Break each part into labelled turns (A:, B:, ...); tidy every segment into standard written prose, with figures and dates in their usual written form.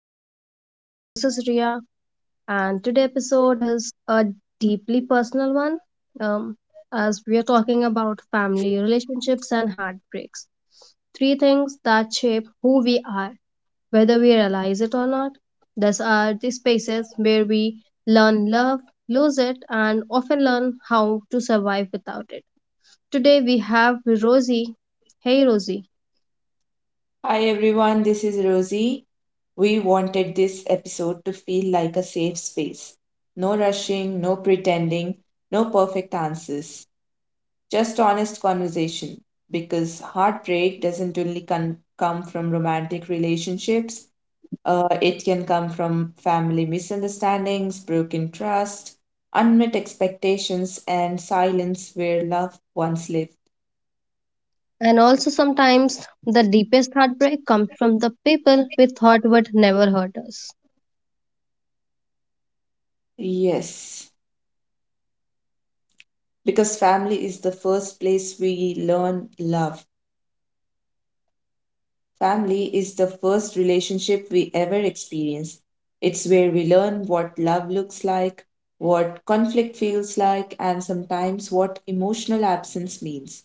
A: Popple Studio. This is Ria, and today episode is a deeply personal one, um, as we are talking about family, relationships, and heartbreaks. Three things that shape who we are, whether we realize it or not. These are the spaces where we learn love, lose it, and often learn how to survive without it. Today we have Rosie. Hey Rosie.
B: Hi everyone, this is Rosie. We wanted this episode to feel like a safe space. No rushing, no pretending, no perfect answers, just honest conversation. Because heartbreak doesn't only come from romantic relationships, it can come from family misunderstandings, broken trust, unmet expectations, and silence where love once lived.
A: And also, sometimes the deepest heartbreak comes from the people we thought would never hurt us.
B: Yes, because family is the first place we learn love. Family is the first relationship we ever experience. It's where we learn what love looks like, what conflict feels like, and sometimes what emotional absence means.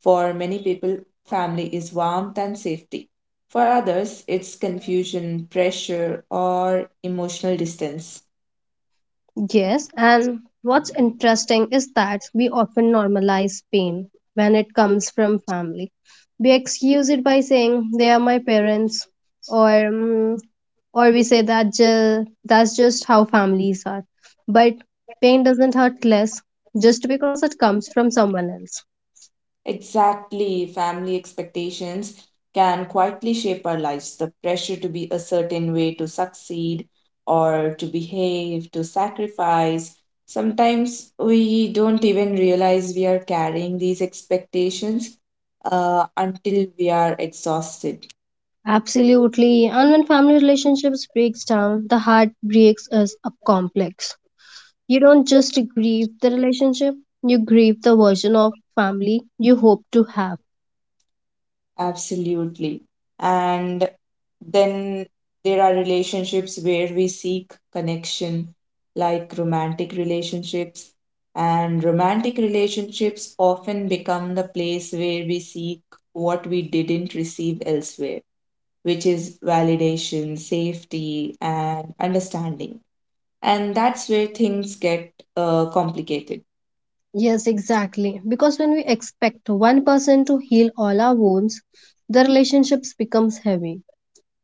B: For many people, family is warmth and safety. For others, it's confusion, pressure, or emotional distance.
A: Yes, and what's interesting is that we often normalize pain when it comes from family. We excuse it by saying they are my parents, or "Mm, or we say that that's just how families are. But pain doesn't hurt less just because it comes from someone else.
B: Exactly, family expectations can quietly shape our lives. The pressure to be a certain way, to succeed, or to behave, to sacrifice. Sometimes we don't even realize we are carrying these expectations until we are exhausted.
A: Absolutely. And when family relationships breaks down, the heart breaks as a complex. You don't just grieve the relationship, you grieve the version of family you hope to have.
B: Absolutely. And then there are relationships where we seek connection, like romantic relationships. And romantic relationships often become the place where we seek what we didn't receive elsewhere, which is validation, safety, and understanding. And that's where things get complicated.
A: Yes, exactly. Because when we expect one person to heal all our wounds, the relationships becomes heavy.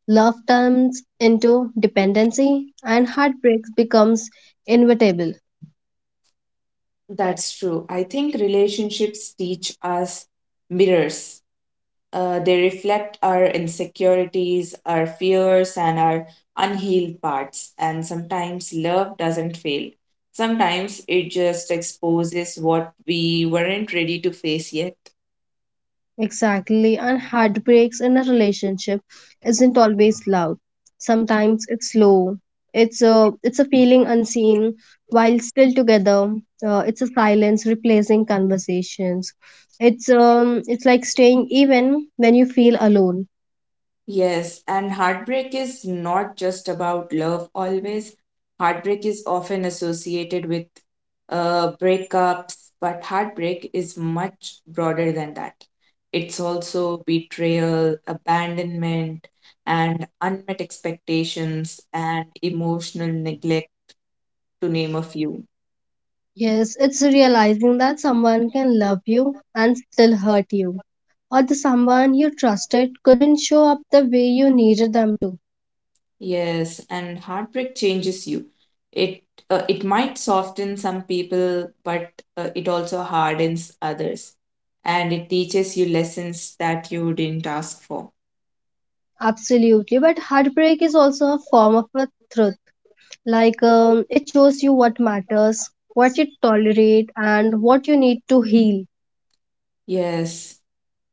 A: Love turns into dependency and heartbreaks becomes inevitable.
B: That's true. I think relationships teach us mirrors. They reflect our insecurities, our fears, and our unhealed parts. And sometimes love doesn't fail. Sometimes it just exposes what we weren't ready to face yet.
A: Exactly, and heartbreaks in a relationship isn't always loud. Sometimes it's slow. It's a feeling unseen while still together. It's a silence replacing conversations. It's like staying even when you feel alone.
B: Yes, and heartbreak is not just about love always. Heartbreak is often associated with breakups, but heartbreak is much broader than that. It's also betrayal, abandonment, and unmet expectations, and emotional neglect, to name a few.
A: Yes, it's realizing that someone can love you and still hurt you, or the someone you trusted couldn't show up the way you needed them to.
B: Yes, and heartbreak changes you. It it might soften some people, but it also hardens others, and it teaches you lessons that you didn't ask for.
A: Absolutely, but heartbreak is also a form of a truth. It shows you what matters, what you tolerate, and what you need to heal.
B: Yes.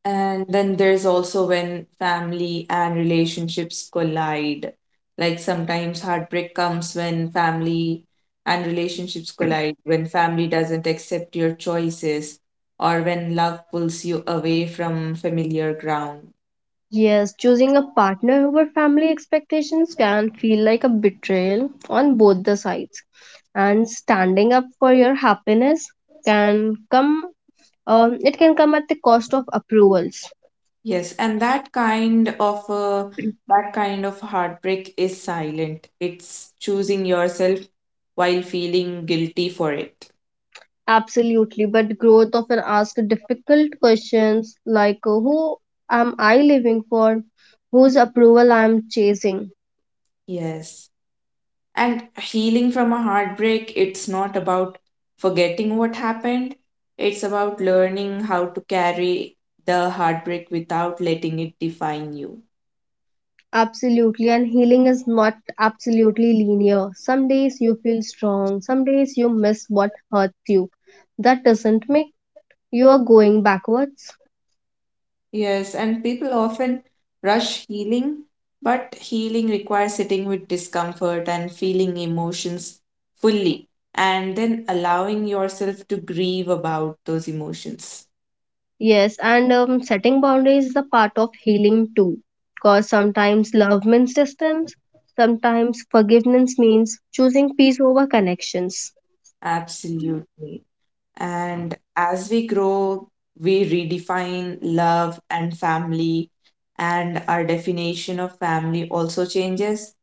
B: And then there's also when family and relationships collide. Like sometimes heartbreak comes when family and relationships collide, when family doesn't accept your choices, or when love pulls you away from familiar ground.
A: Yes, choosing a partner over family expectations can feel like a betrayal on both the sides. And standing up for your happiness can come, it can come at the cost of approvals.
B: Yes, and that kind of heartbreak is silent. It's choosing yourself while feeling guilty for it.
A: Absolutely, but growth often asks difficult questions like who am I living for? Whose approval I am chasing?
B: Yes. And healing from a heartbreak, it's not about forgetting what happened, it's about learning how to carry the heartbreak without letting it define you.
A: Absolutely, and healing is not absolutely linear. Some days you feel strong, some days you miss what hurts you. That doesn't make you are going backwards.
B: Yes, and people often rush healing, but healing requires sitting with discomfort and feeling emotions fully, and then allowing yourself to grieve about those emotions.
A: Yes, and setting boundaries is a part of healing too. Because sometimes love means distance, sometimes forgiveness means choosing peace over connections.
B: Absolutely. And as we grow, we redefine love and family, and our definition of family also changes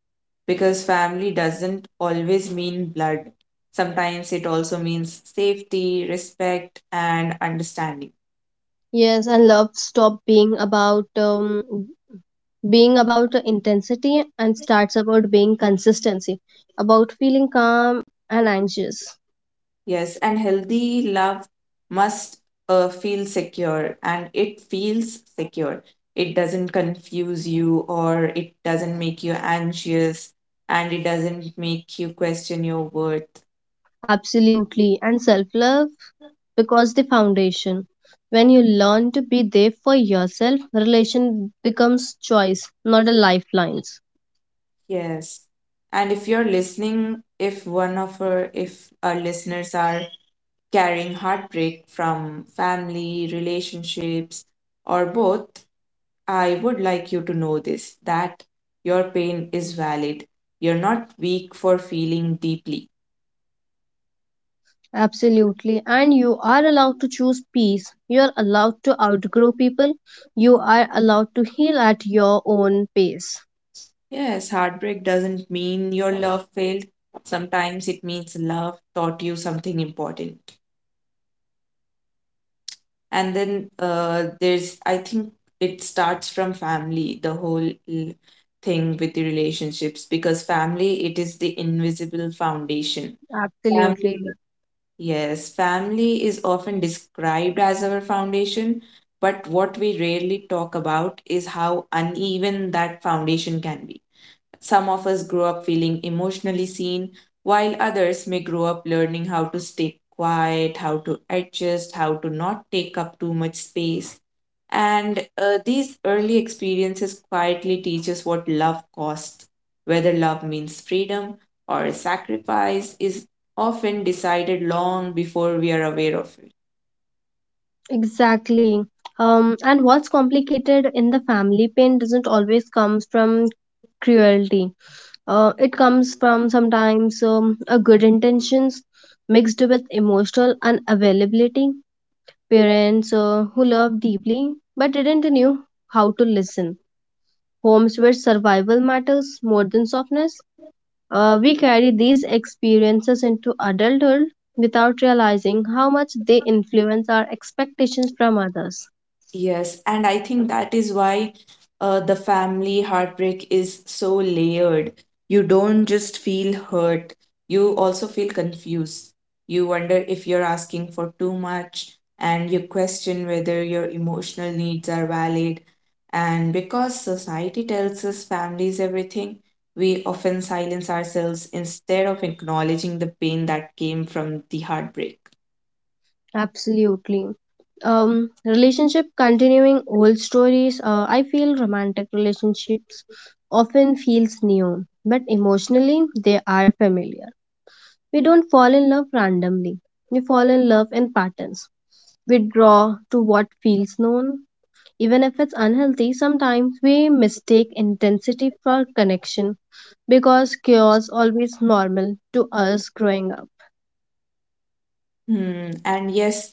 B: because family doesn't always mean blood. Sometimes it also means safety, respect, and understanding.
A: Yes, and love stop being about the intensity and starts about being consistency, about feeling calm and anxious.
B: Yes, and healthy love must feel secure, and it feels secure. It doesn't confuse you, or it doesn't make you anxious, and it doesn't make you question your worth.
A: Absolutely, and self-love because the foundation. When you learn to be there for yourself, relation becomes choice, not a lifelines.
B: Yes. And if you're listening, if our listeners are carrying heartbreak from family, relationships, or both, I would like you to know this, that your pain is valid. You're not weak for feeling deeply.
A: Absolutely, and you are allowed to choose peace. You are allowed to outgrow people. You are allowed to heal at your own pace.
B: Yes, heartbreak doesn't mean your love failed. Sometimes it means love taught you something important. And then there's, I think it starts from family, the whole thing with the relationships, because family, it is the invisible foundation.
A: Absolutely.
B: Family. Yes, family is often described as our foundation, but what we rarely talk about is how uneven that foundation can be. Some of us grow up feeling emotionally seen, while others may grow up learning how to stay quiet, how to adjust, how to not take up too much space. And these early experiences quietly teach us what love costs. Whether love means freedom or sacrifice is often decided long before we are aware of it.
A: Exactly. And what's complicated in the family pain doesn't always comes from cruelty. It comes from sometimes a good intentions mixed with emotional unavailability. Parents who love deeply but didn't knew how to listen. Homes where survival matters more than softness. We carry these experiences into adulthood without realizing how much they influence our expectations from others.
B: Yes, and I think that is why the family heartbreak is so layered. You don't just feel hurt, you also feel confused. You wonder if you're asking for too much, and you question whether your emotional needs are valid. And because society tells us families everything, we often silence ourselves instead of acknowledging the pain that came from the heartbreak.
A: Absolutely. Relationship continuing old stories. I feel romantic relationships often feels new, but emotionally they are familiar. We don't fall in love randomly. We fall in love in patterns. We draw to what feels known. Even if it's unhealthy, sometimes we mistake intensity for connection because chaos always normal to us growing up.
B: Hmm. And yes,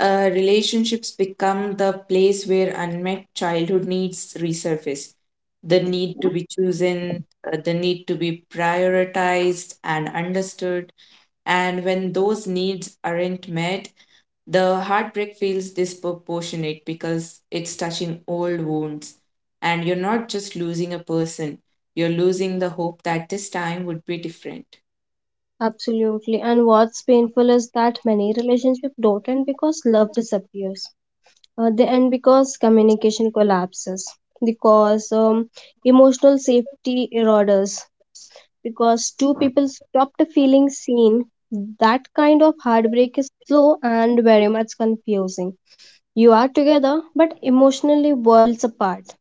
B: relationships become the place where unmet childhood needs resurface. The need to be chosen, the need to be prioritized and understood. And when those needs aren't met, the heartbreak feels disproportionate because it's touching old wounds. And you're not just losing a person, you're losing the hope that this time would be different.
A: Absolutely. And what's painful is that many relationships don't end because love disappears. They end because communication collapses, because emotional safety erodes, because two people stopped feeling seen. That kind of heartbreak is slow and very much confusing. You are together, but emotionally worlds apart.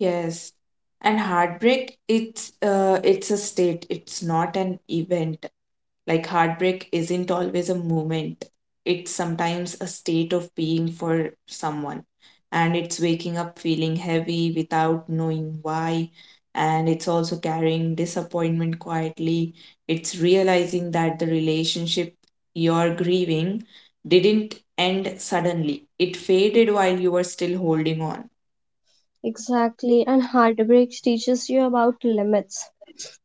B: Yes, and heartbreak, it's a state. It's not an event. Like heartbreak isn't always a moment. It's sometimes a state of being for someone, and it's waking up feeling heavy without knowing why, and it's also carrying disappointment quietly. It's realizing that the relationship you're grieving didn't end suddenly. It faded while you were still holding on.
A: Exactly, and heartbreaks teaches you about limits,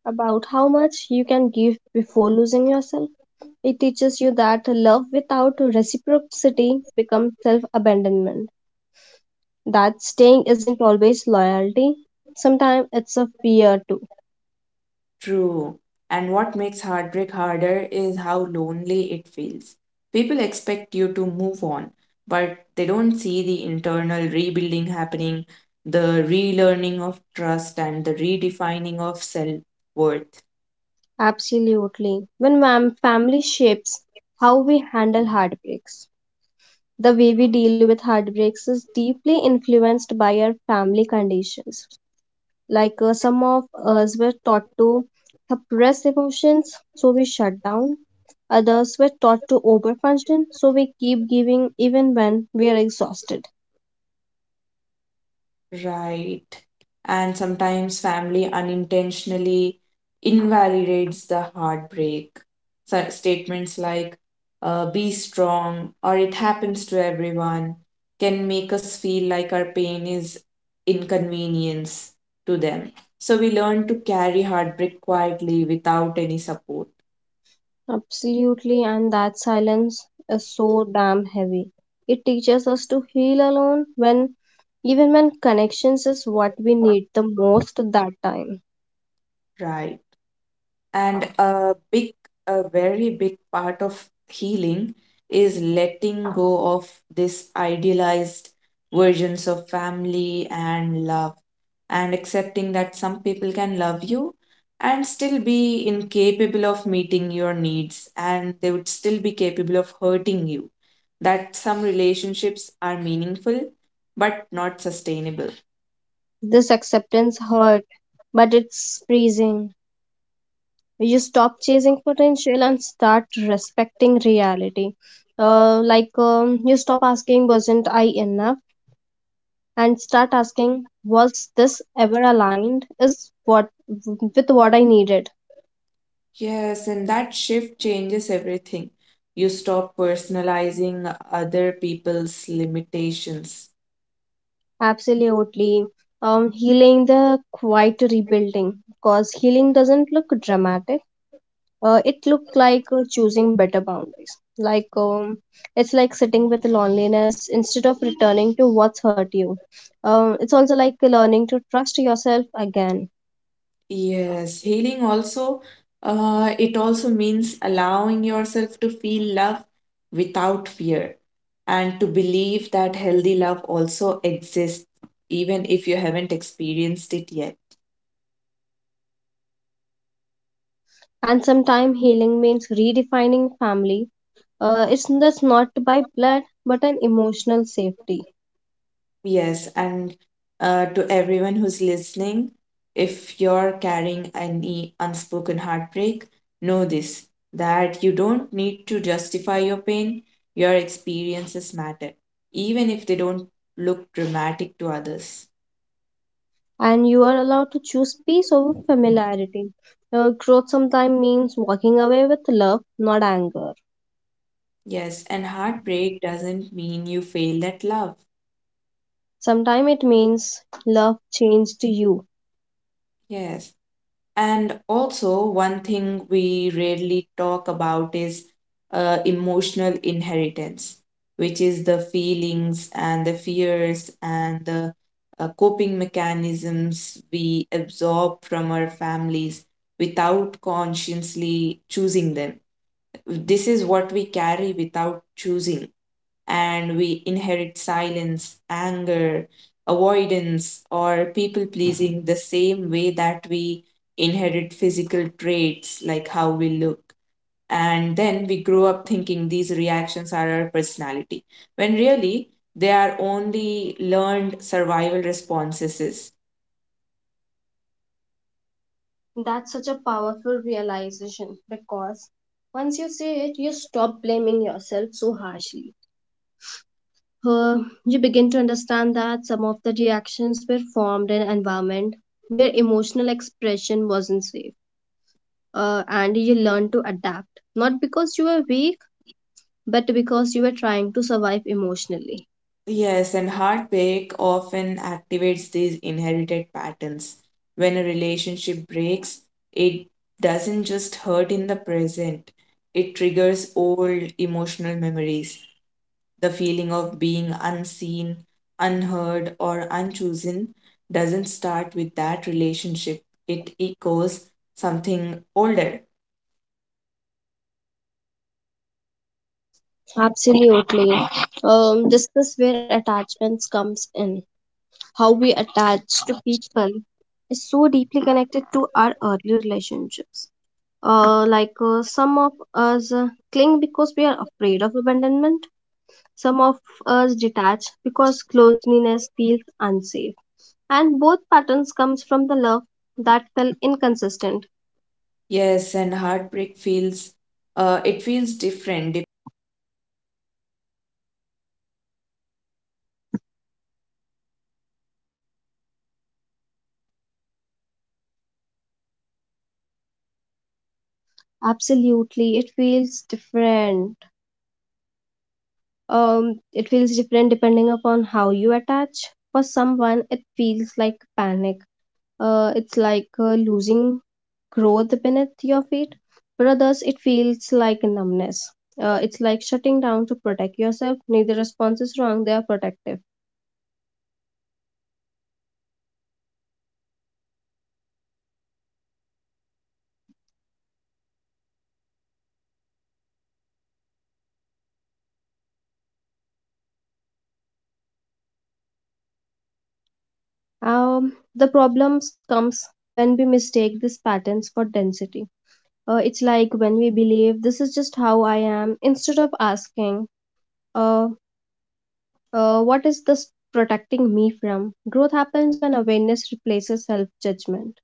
A: about how much you can give before losing yourself. It teaches you that love without reciprocity becomes self abandonment, that staying isn't always loyalty, sometimes it's a fear too.
B: True. And what makes heartbreak harder is how lonely it feels. People expect you to move on, but they don't see the internal rebuilding happening, the relearning of trust, and the redefining of self worth.
A: Absolutely. When family shapes how we handle heartbreaks. The way we deal with heartbreaks is deeply influenced by our family conditions. Like some of us were taught to suppress emotions, so we shut down. Others were taught to overfunction, so we keep giving even when we are exhausted.
B: Right. And sometimes family unintentionally invalidates the heartbreak. So statements like "be strong" or "it happens to everyone" can make us feel like our pain is inconvenience to them. So we learn to carry heartbreak quietly without any support.
A: Absolutely, and that silence is so damn heavy. It teaches us to heal alone when even when connections is what we need the most that time.
B: Right. And a very big part of healing is letting go of this idealized versions of family and love, and accepting that some people can love you and still be incapable of meeting your needs, and they would still be capable of hurting you. That some relationships are meaningful but not sustainable.
A: This acceptance hurt, but it's freezing. You stop chasing potential and start respecting reality. You stop asking, wasn't I enough? And start asking, was this ever aligned? Is what with what I needed?
B: Yes, and that shift changes everything. You stop personalizing other people's limitations.
A: Absolutely. Healing the quiet rebuilding because healing doesn't look dramatic, it looked like choosing better boundaries like it's like sitting with loneliness instead of returning to what's hurt you, it's also like learning to trust yourself again.
B: Yes, healing also, it also means allowing yourself to feel love without fear and to believe that healthy love also exists, even if you haven't experienced it yet.
A: And sometimes healing means redefining family, it's that's not by blood but an emotional safety.
B: Yes, and to everyone who's listening, if you're carrying any unspoken heartbreak, know this, that you don't need to justify your pain. Your experiences matter, even if they don't look dramatic to others.
A: And you are allowed to choose peace over familiarity. Growth sometimes means walking away with love not anger.
B: Yes, and heartbreak doesn't mean you failed at love.
A: Sometimes it means love changed you.
B: Yes. And also, one thing we rarely talk about is emotional inheritance, which is the feelings and the fears and the coping mechanisms we absorb from our families without consciously choosing them. This is what we carry without choosing, and we inherit silence, anger, avoidance, or people pleasing the same way that we inherit physical traits like how we look. And then we grow up thinking these reactions are our personality, when really they are only learned survival responses.
A: That's such a powerful realization because once you see it, you stop blaming yourself so harshly. Uh, you begin to understand that some of the reactions were formed in an environment where emotional expression wasn't safe, and you learn to adapt not because you were weak, but because you were trying to survive emotionally.
B: Yes, and heartbreak often activates these inherited patterns. When a relationship breaks, it doesn't just hurt in the present, it triggers old emotional memories. The feeling of being unseen, unheard, or unchosen doesn't start with that relationship, it echoes something older.
A: Absolutely, this is where attachments comes in. How we attach to people is so deeply connected to our early relationships. Some of us cling because we are afraid of abandonment, some of us detach because closeness feels unsafe. And both patterns comes from the love that felt inconsistent.
B: Yes, and heartbreak feels it feels different.
A: Absolutely, it feels different. It feels different depending upon how you attach. For someone, it feels like panic. It's like losing growth beneath your feet. For others, it feels like numbness. It's like shutting down to protect yourself. Neither response is wrong, they are protective. The problems comes when we mistake these patterns for density. It's like when we believe this is just how I am instead of asking, uh, what is this protecting me from? Growth happens when awareness replaces self judgment.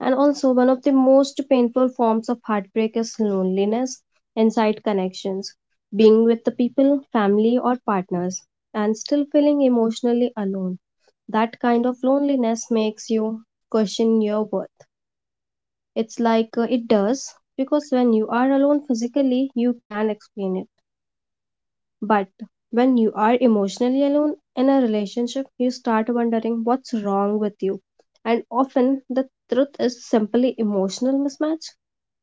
A: And also, one of the most painful forms of heartbreak is loneliness inside connections, being with the people, family, or partners, and still feeling emotionally alone. That kind of loneliness makes you question your worth. It does, because when you are alone physically, you can explain it. But when you are emotionally alone in a relationship, you start wondering what's wrong with you. And often, the truth is simply emotional mismatch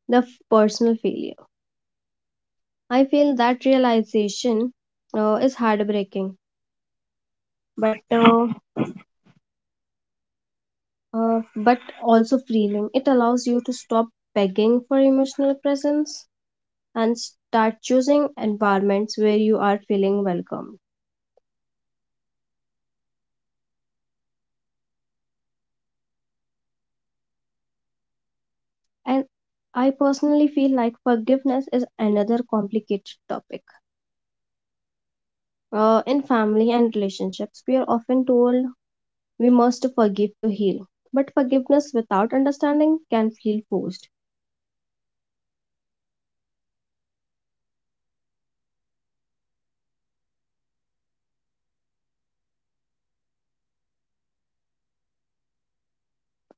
A: the personal failure. I feel that realization is heartbreaking, but but also freeing. It allows you to stop begging for emotional presence and start choosing environments where you are feeling welcome. And I personally feel like forgiveness is another complicated topic. In family and relationships, we are often told we must forgive to heal, but forgiveness without understanding can feel forced.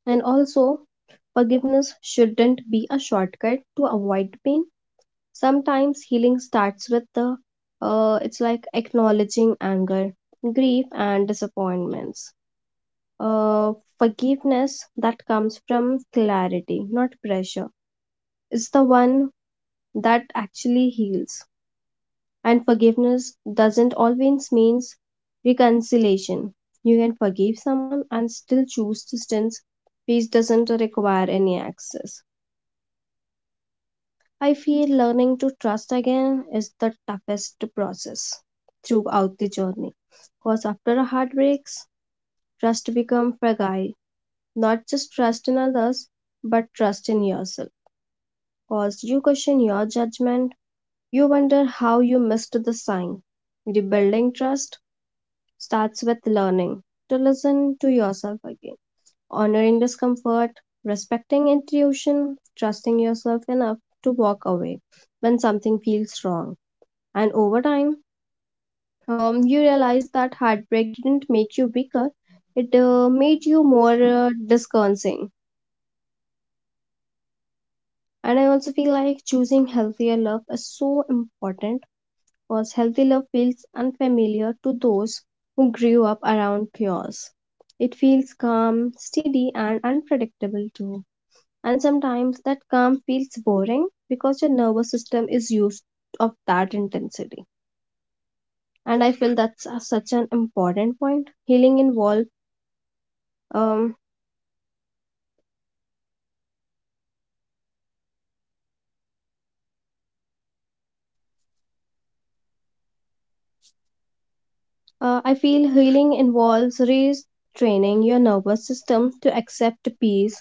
A: And also, forgiveness shouldn't be a shortcut to avoid pain. Sometimes healing starts with the it's like acknowledging anger, grief, and disappointments. Uh, Forgiveness that comes from clarity, not pressure, is the one that actually heals. And forgiveness doesn't always means reconciliation. You can forgive someone and still choose distance. Peace doesn't require any access. I feel learning to trust again is the toughest process throughout the journey. Because after heartbreaks, trust becomes fragile. Not just trust in others, but trust in yourself. Because you question your judgment, you wonder how you missed the sign. Rebuilding trust starts with learning to listen to yourself again, honoring discomfort, respecting intuition, trusting yourself enough to walk away when something feels wrong. And over time, you realize that heartbreak didn't make you weaker, it made you more discerning. And I also feel like choosing healthier love is so important because healthy love feels unfamiliar to those who grew up around chaos. It feels calm, steady, and unpredictable too. And sometimes that calm feels boring because your nervous system is used of that intensity. And I feel such an important point. Healing involves Um, I feel healing involves retraining your nervous system to accept peace,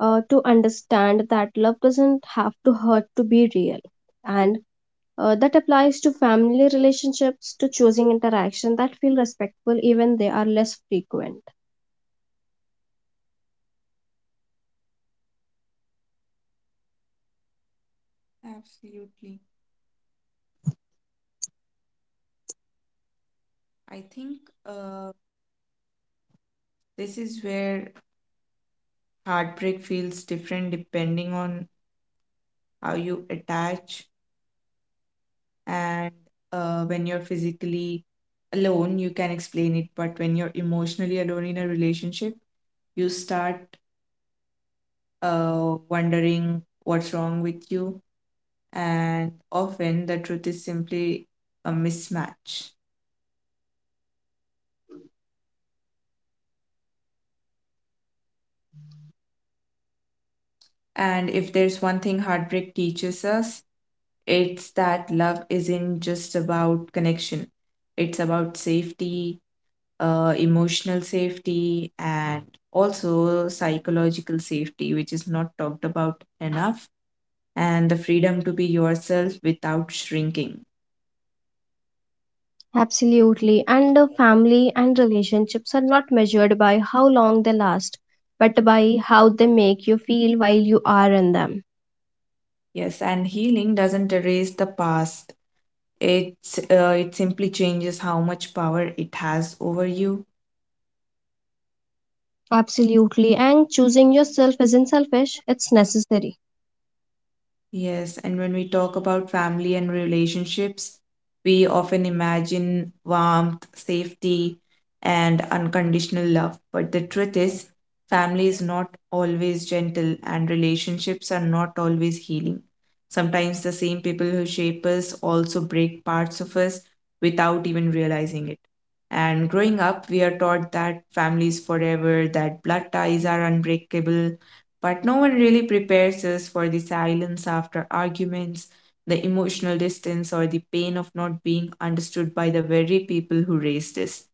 A: to understand that love doesn't have to hurt to be real. And that applies to family relationships, to choosing interaction that feel respectful even they are less frequent.
B: Absolutely. I think uh, this is where heartbreak feels different depending on how you attach. And when you're physically alone, you can explain it. But when you're emotionally alone in a relationship, you start wondering what's wrong with you. And often the truth is simply a mismatch. And if there's one thing heartbreak teaches us, it's that love isn't just about connection, it's about safety, emotional safety, and also psychological safety, which is not talked about enough, and the freedom to be yourself without shrinking.
A: Absolutely. And family and relationships are not measured by how long they last, but by how they make you feel while you are in them.
B: Yes, and healing doesn't erase the past. It simply changes how much power it has over you.
A: Absolutely. And choosing yourself isn't selfish, it's necessary.
B: Yes, and when we talk about family and relationships, we often imagine warmth, safety, and unconditional love. But the truth is, family is not always gentle, and relationships are not always healing. Sometimes the same people who shape us also break parts of us without even realizing it. And growing up, we are taught that family is forever, that blood ties are unbreakable, but no one really prepares us for the silence after arguments, the emotional distance, or the pain of not being understood by the very people who raised us.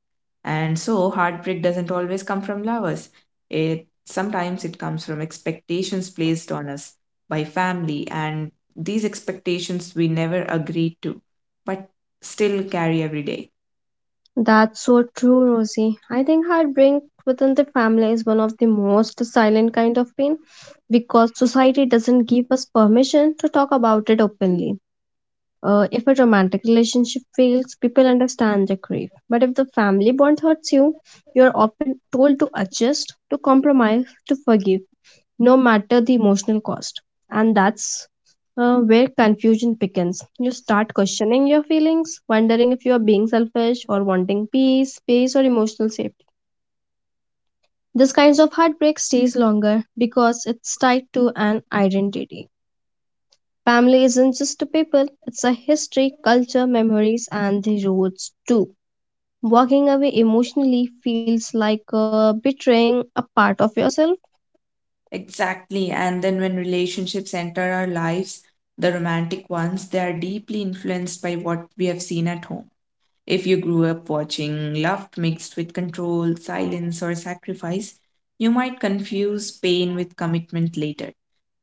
B: And so, heartbreak doesn't always come from lovers. It sometimes it comes from expectations placed on us by family, and these expectations we never agreed to, but still carry every day.
A: That's so true, Rosie. I think heartbreak within the family is one of the most silent kind of pain because society doesn't give us permission to talk about it openly. If a romantic relationship fails, people understand the grief. But if the family bond hurts you, you're often told to adjust, to compromise, to forgive, no matter the emotional cost. And that's where confusion begins. You start questioning your feelings, wondering if you are being selfish or wanting peace, space, or emotional safety. This kinds of heartbreak stays longer because it's tied to an identity. Family isn't just a people, it's a history, culture, memories, and the roots too. Walking away emotionally feels like betraying a part of yourself.
B: Exactly. And then when relationships enter our lives, the romantic ones, they are deeply influenced by what we have seen at home. If you grew up watching love mixed with control, silence, or sacrifice, you might confuse pain with commitment later.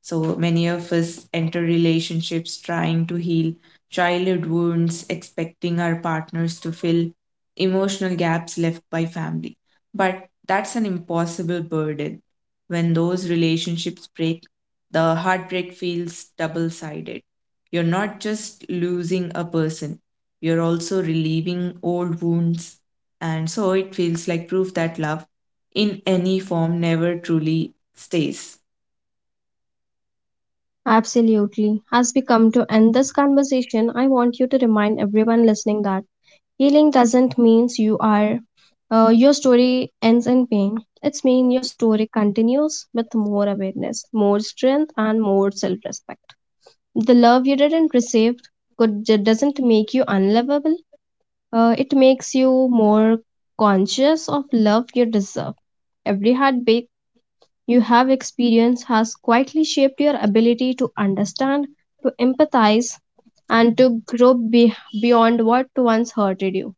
B: So many of us enter relationships trying to heal childhood wounds, expecting our partners to fill emotional gaps left by family. But that's an impossible burden. When those relationships break, the heartbreak feels double sided. You're not just losing a person, you're also relieving old wounds. And so it feels like proof that love, in any form, never truly stays.
A: Absolutely. As we come to end this conversation, I want you to remind everyone listening that healing doesn't mean you are your story ends in pain. It's mean your story continues with more awareness, more strength, and more self-respect. The love you didn't receive could doesn't make you unlovable. It makes you more conscious of love you deserve. Every heartbreak you have experienced has quietly shaped your ability to understand, to empathize, and to grow beyond what once hurted you.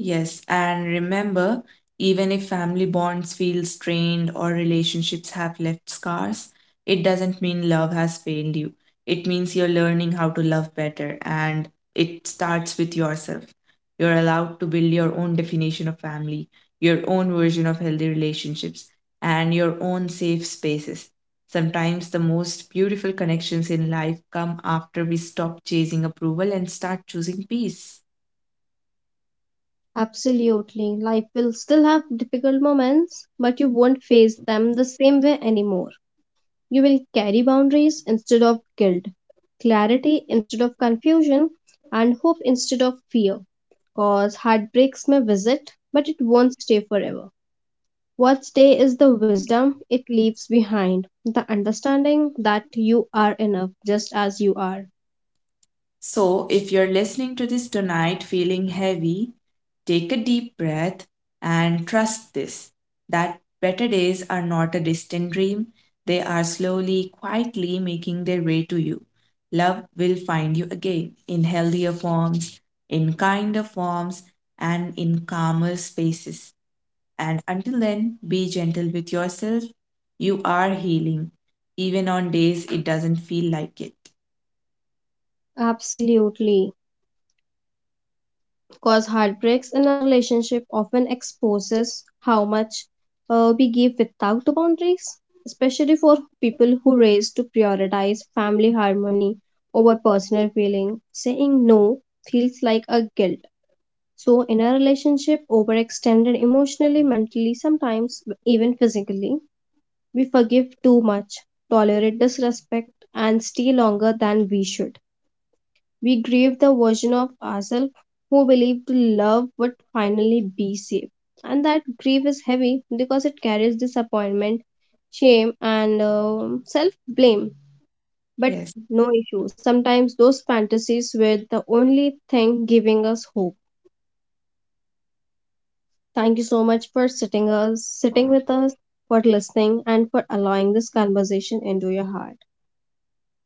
B: Yes, and remember, even if family bonds feel strained or relationships have left scars, it doesn't mean love has failed you. It means you're learning how to love better, and it starts with yourself. You're allowed to build your own definition of family, your own version of healthy relationships, and your own safe spaces. Sometimes the most beautiful connections in life come after we stop chasing approval and start choosing peace.
A: Absolutely. Life will still have difficult moments, but you won't face them the same way anymore. You will carry boundaries instead of guilt, clarity instead of confusion, and hope instead of fear. Cause heartbreaks may visit, but it won't stay forever. What stays is the wisdom it leaves behind, the understanding that you are enough just as you are.
B: So, if you're listening to this tonight feeling heavy, take a deep breath and trust this, that better days are not a distant dream, they are slowly, quietly making their way to you. Love will find you again in healthier forms, in kinder forms, and in calmer spaces. And until then, be gentle with yourself. You are healing, even on days it doesn't feel like it.
A: Absolutely. Because heartbreaks in a relationship often exposes how much we give without boundaries, especially for people who raise to prioritize family harmony over personal feeling. Saying no feels like a guilt. So, in a relationship, overextended emotionally, mentally, sometimes even physically, we forgive too much, tolerate disrespect, and stay longer than we should. We grieve the version of ourselves who believed love would finally be safe. And that grief is heavy because it carries disappointment, shame, and self blame. But
B: Yes.
A: no issues. Sometimes those fantasies were the only thing giving us hope. Thank you so much for sitting with us, for listening, and for allowing this conversation into your heart.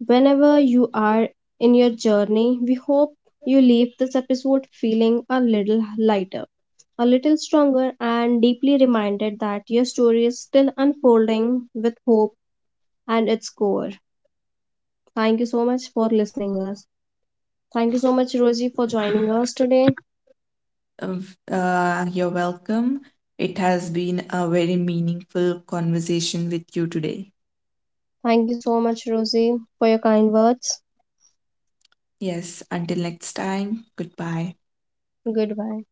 A: Whenever you are in your journey, we hope you leave this episode feeling a little lighter, a little stronger, and deeply reminded that your story is still unfolding with hope at its core. Thank you so much for listening us. Thank you so much, Rosie, for joining us today.
B: You're welcome. It has been a very meaningful conversation with you today.
A: Thank you so much, Rosie, for your kind words.
B: Yes, until next time, goodbye.
A: Goodbye.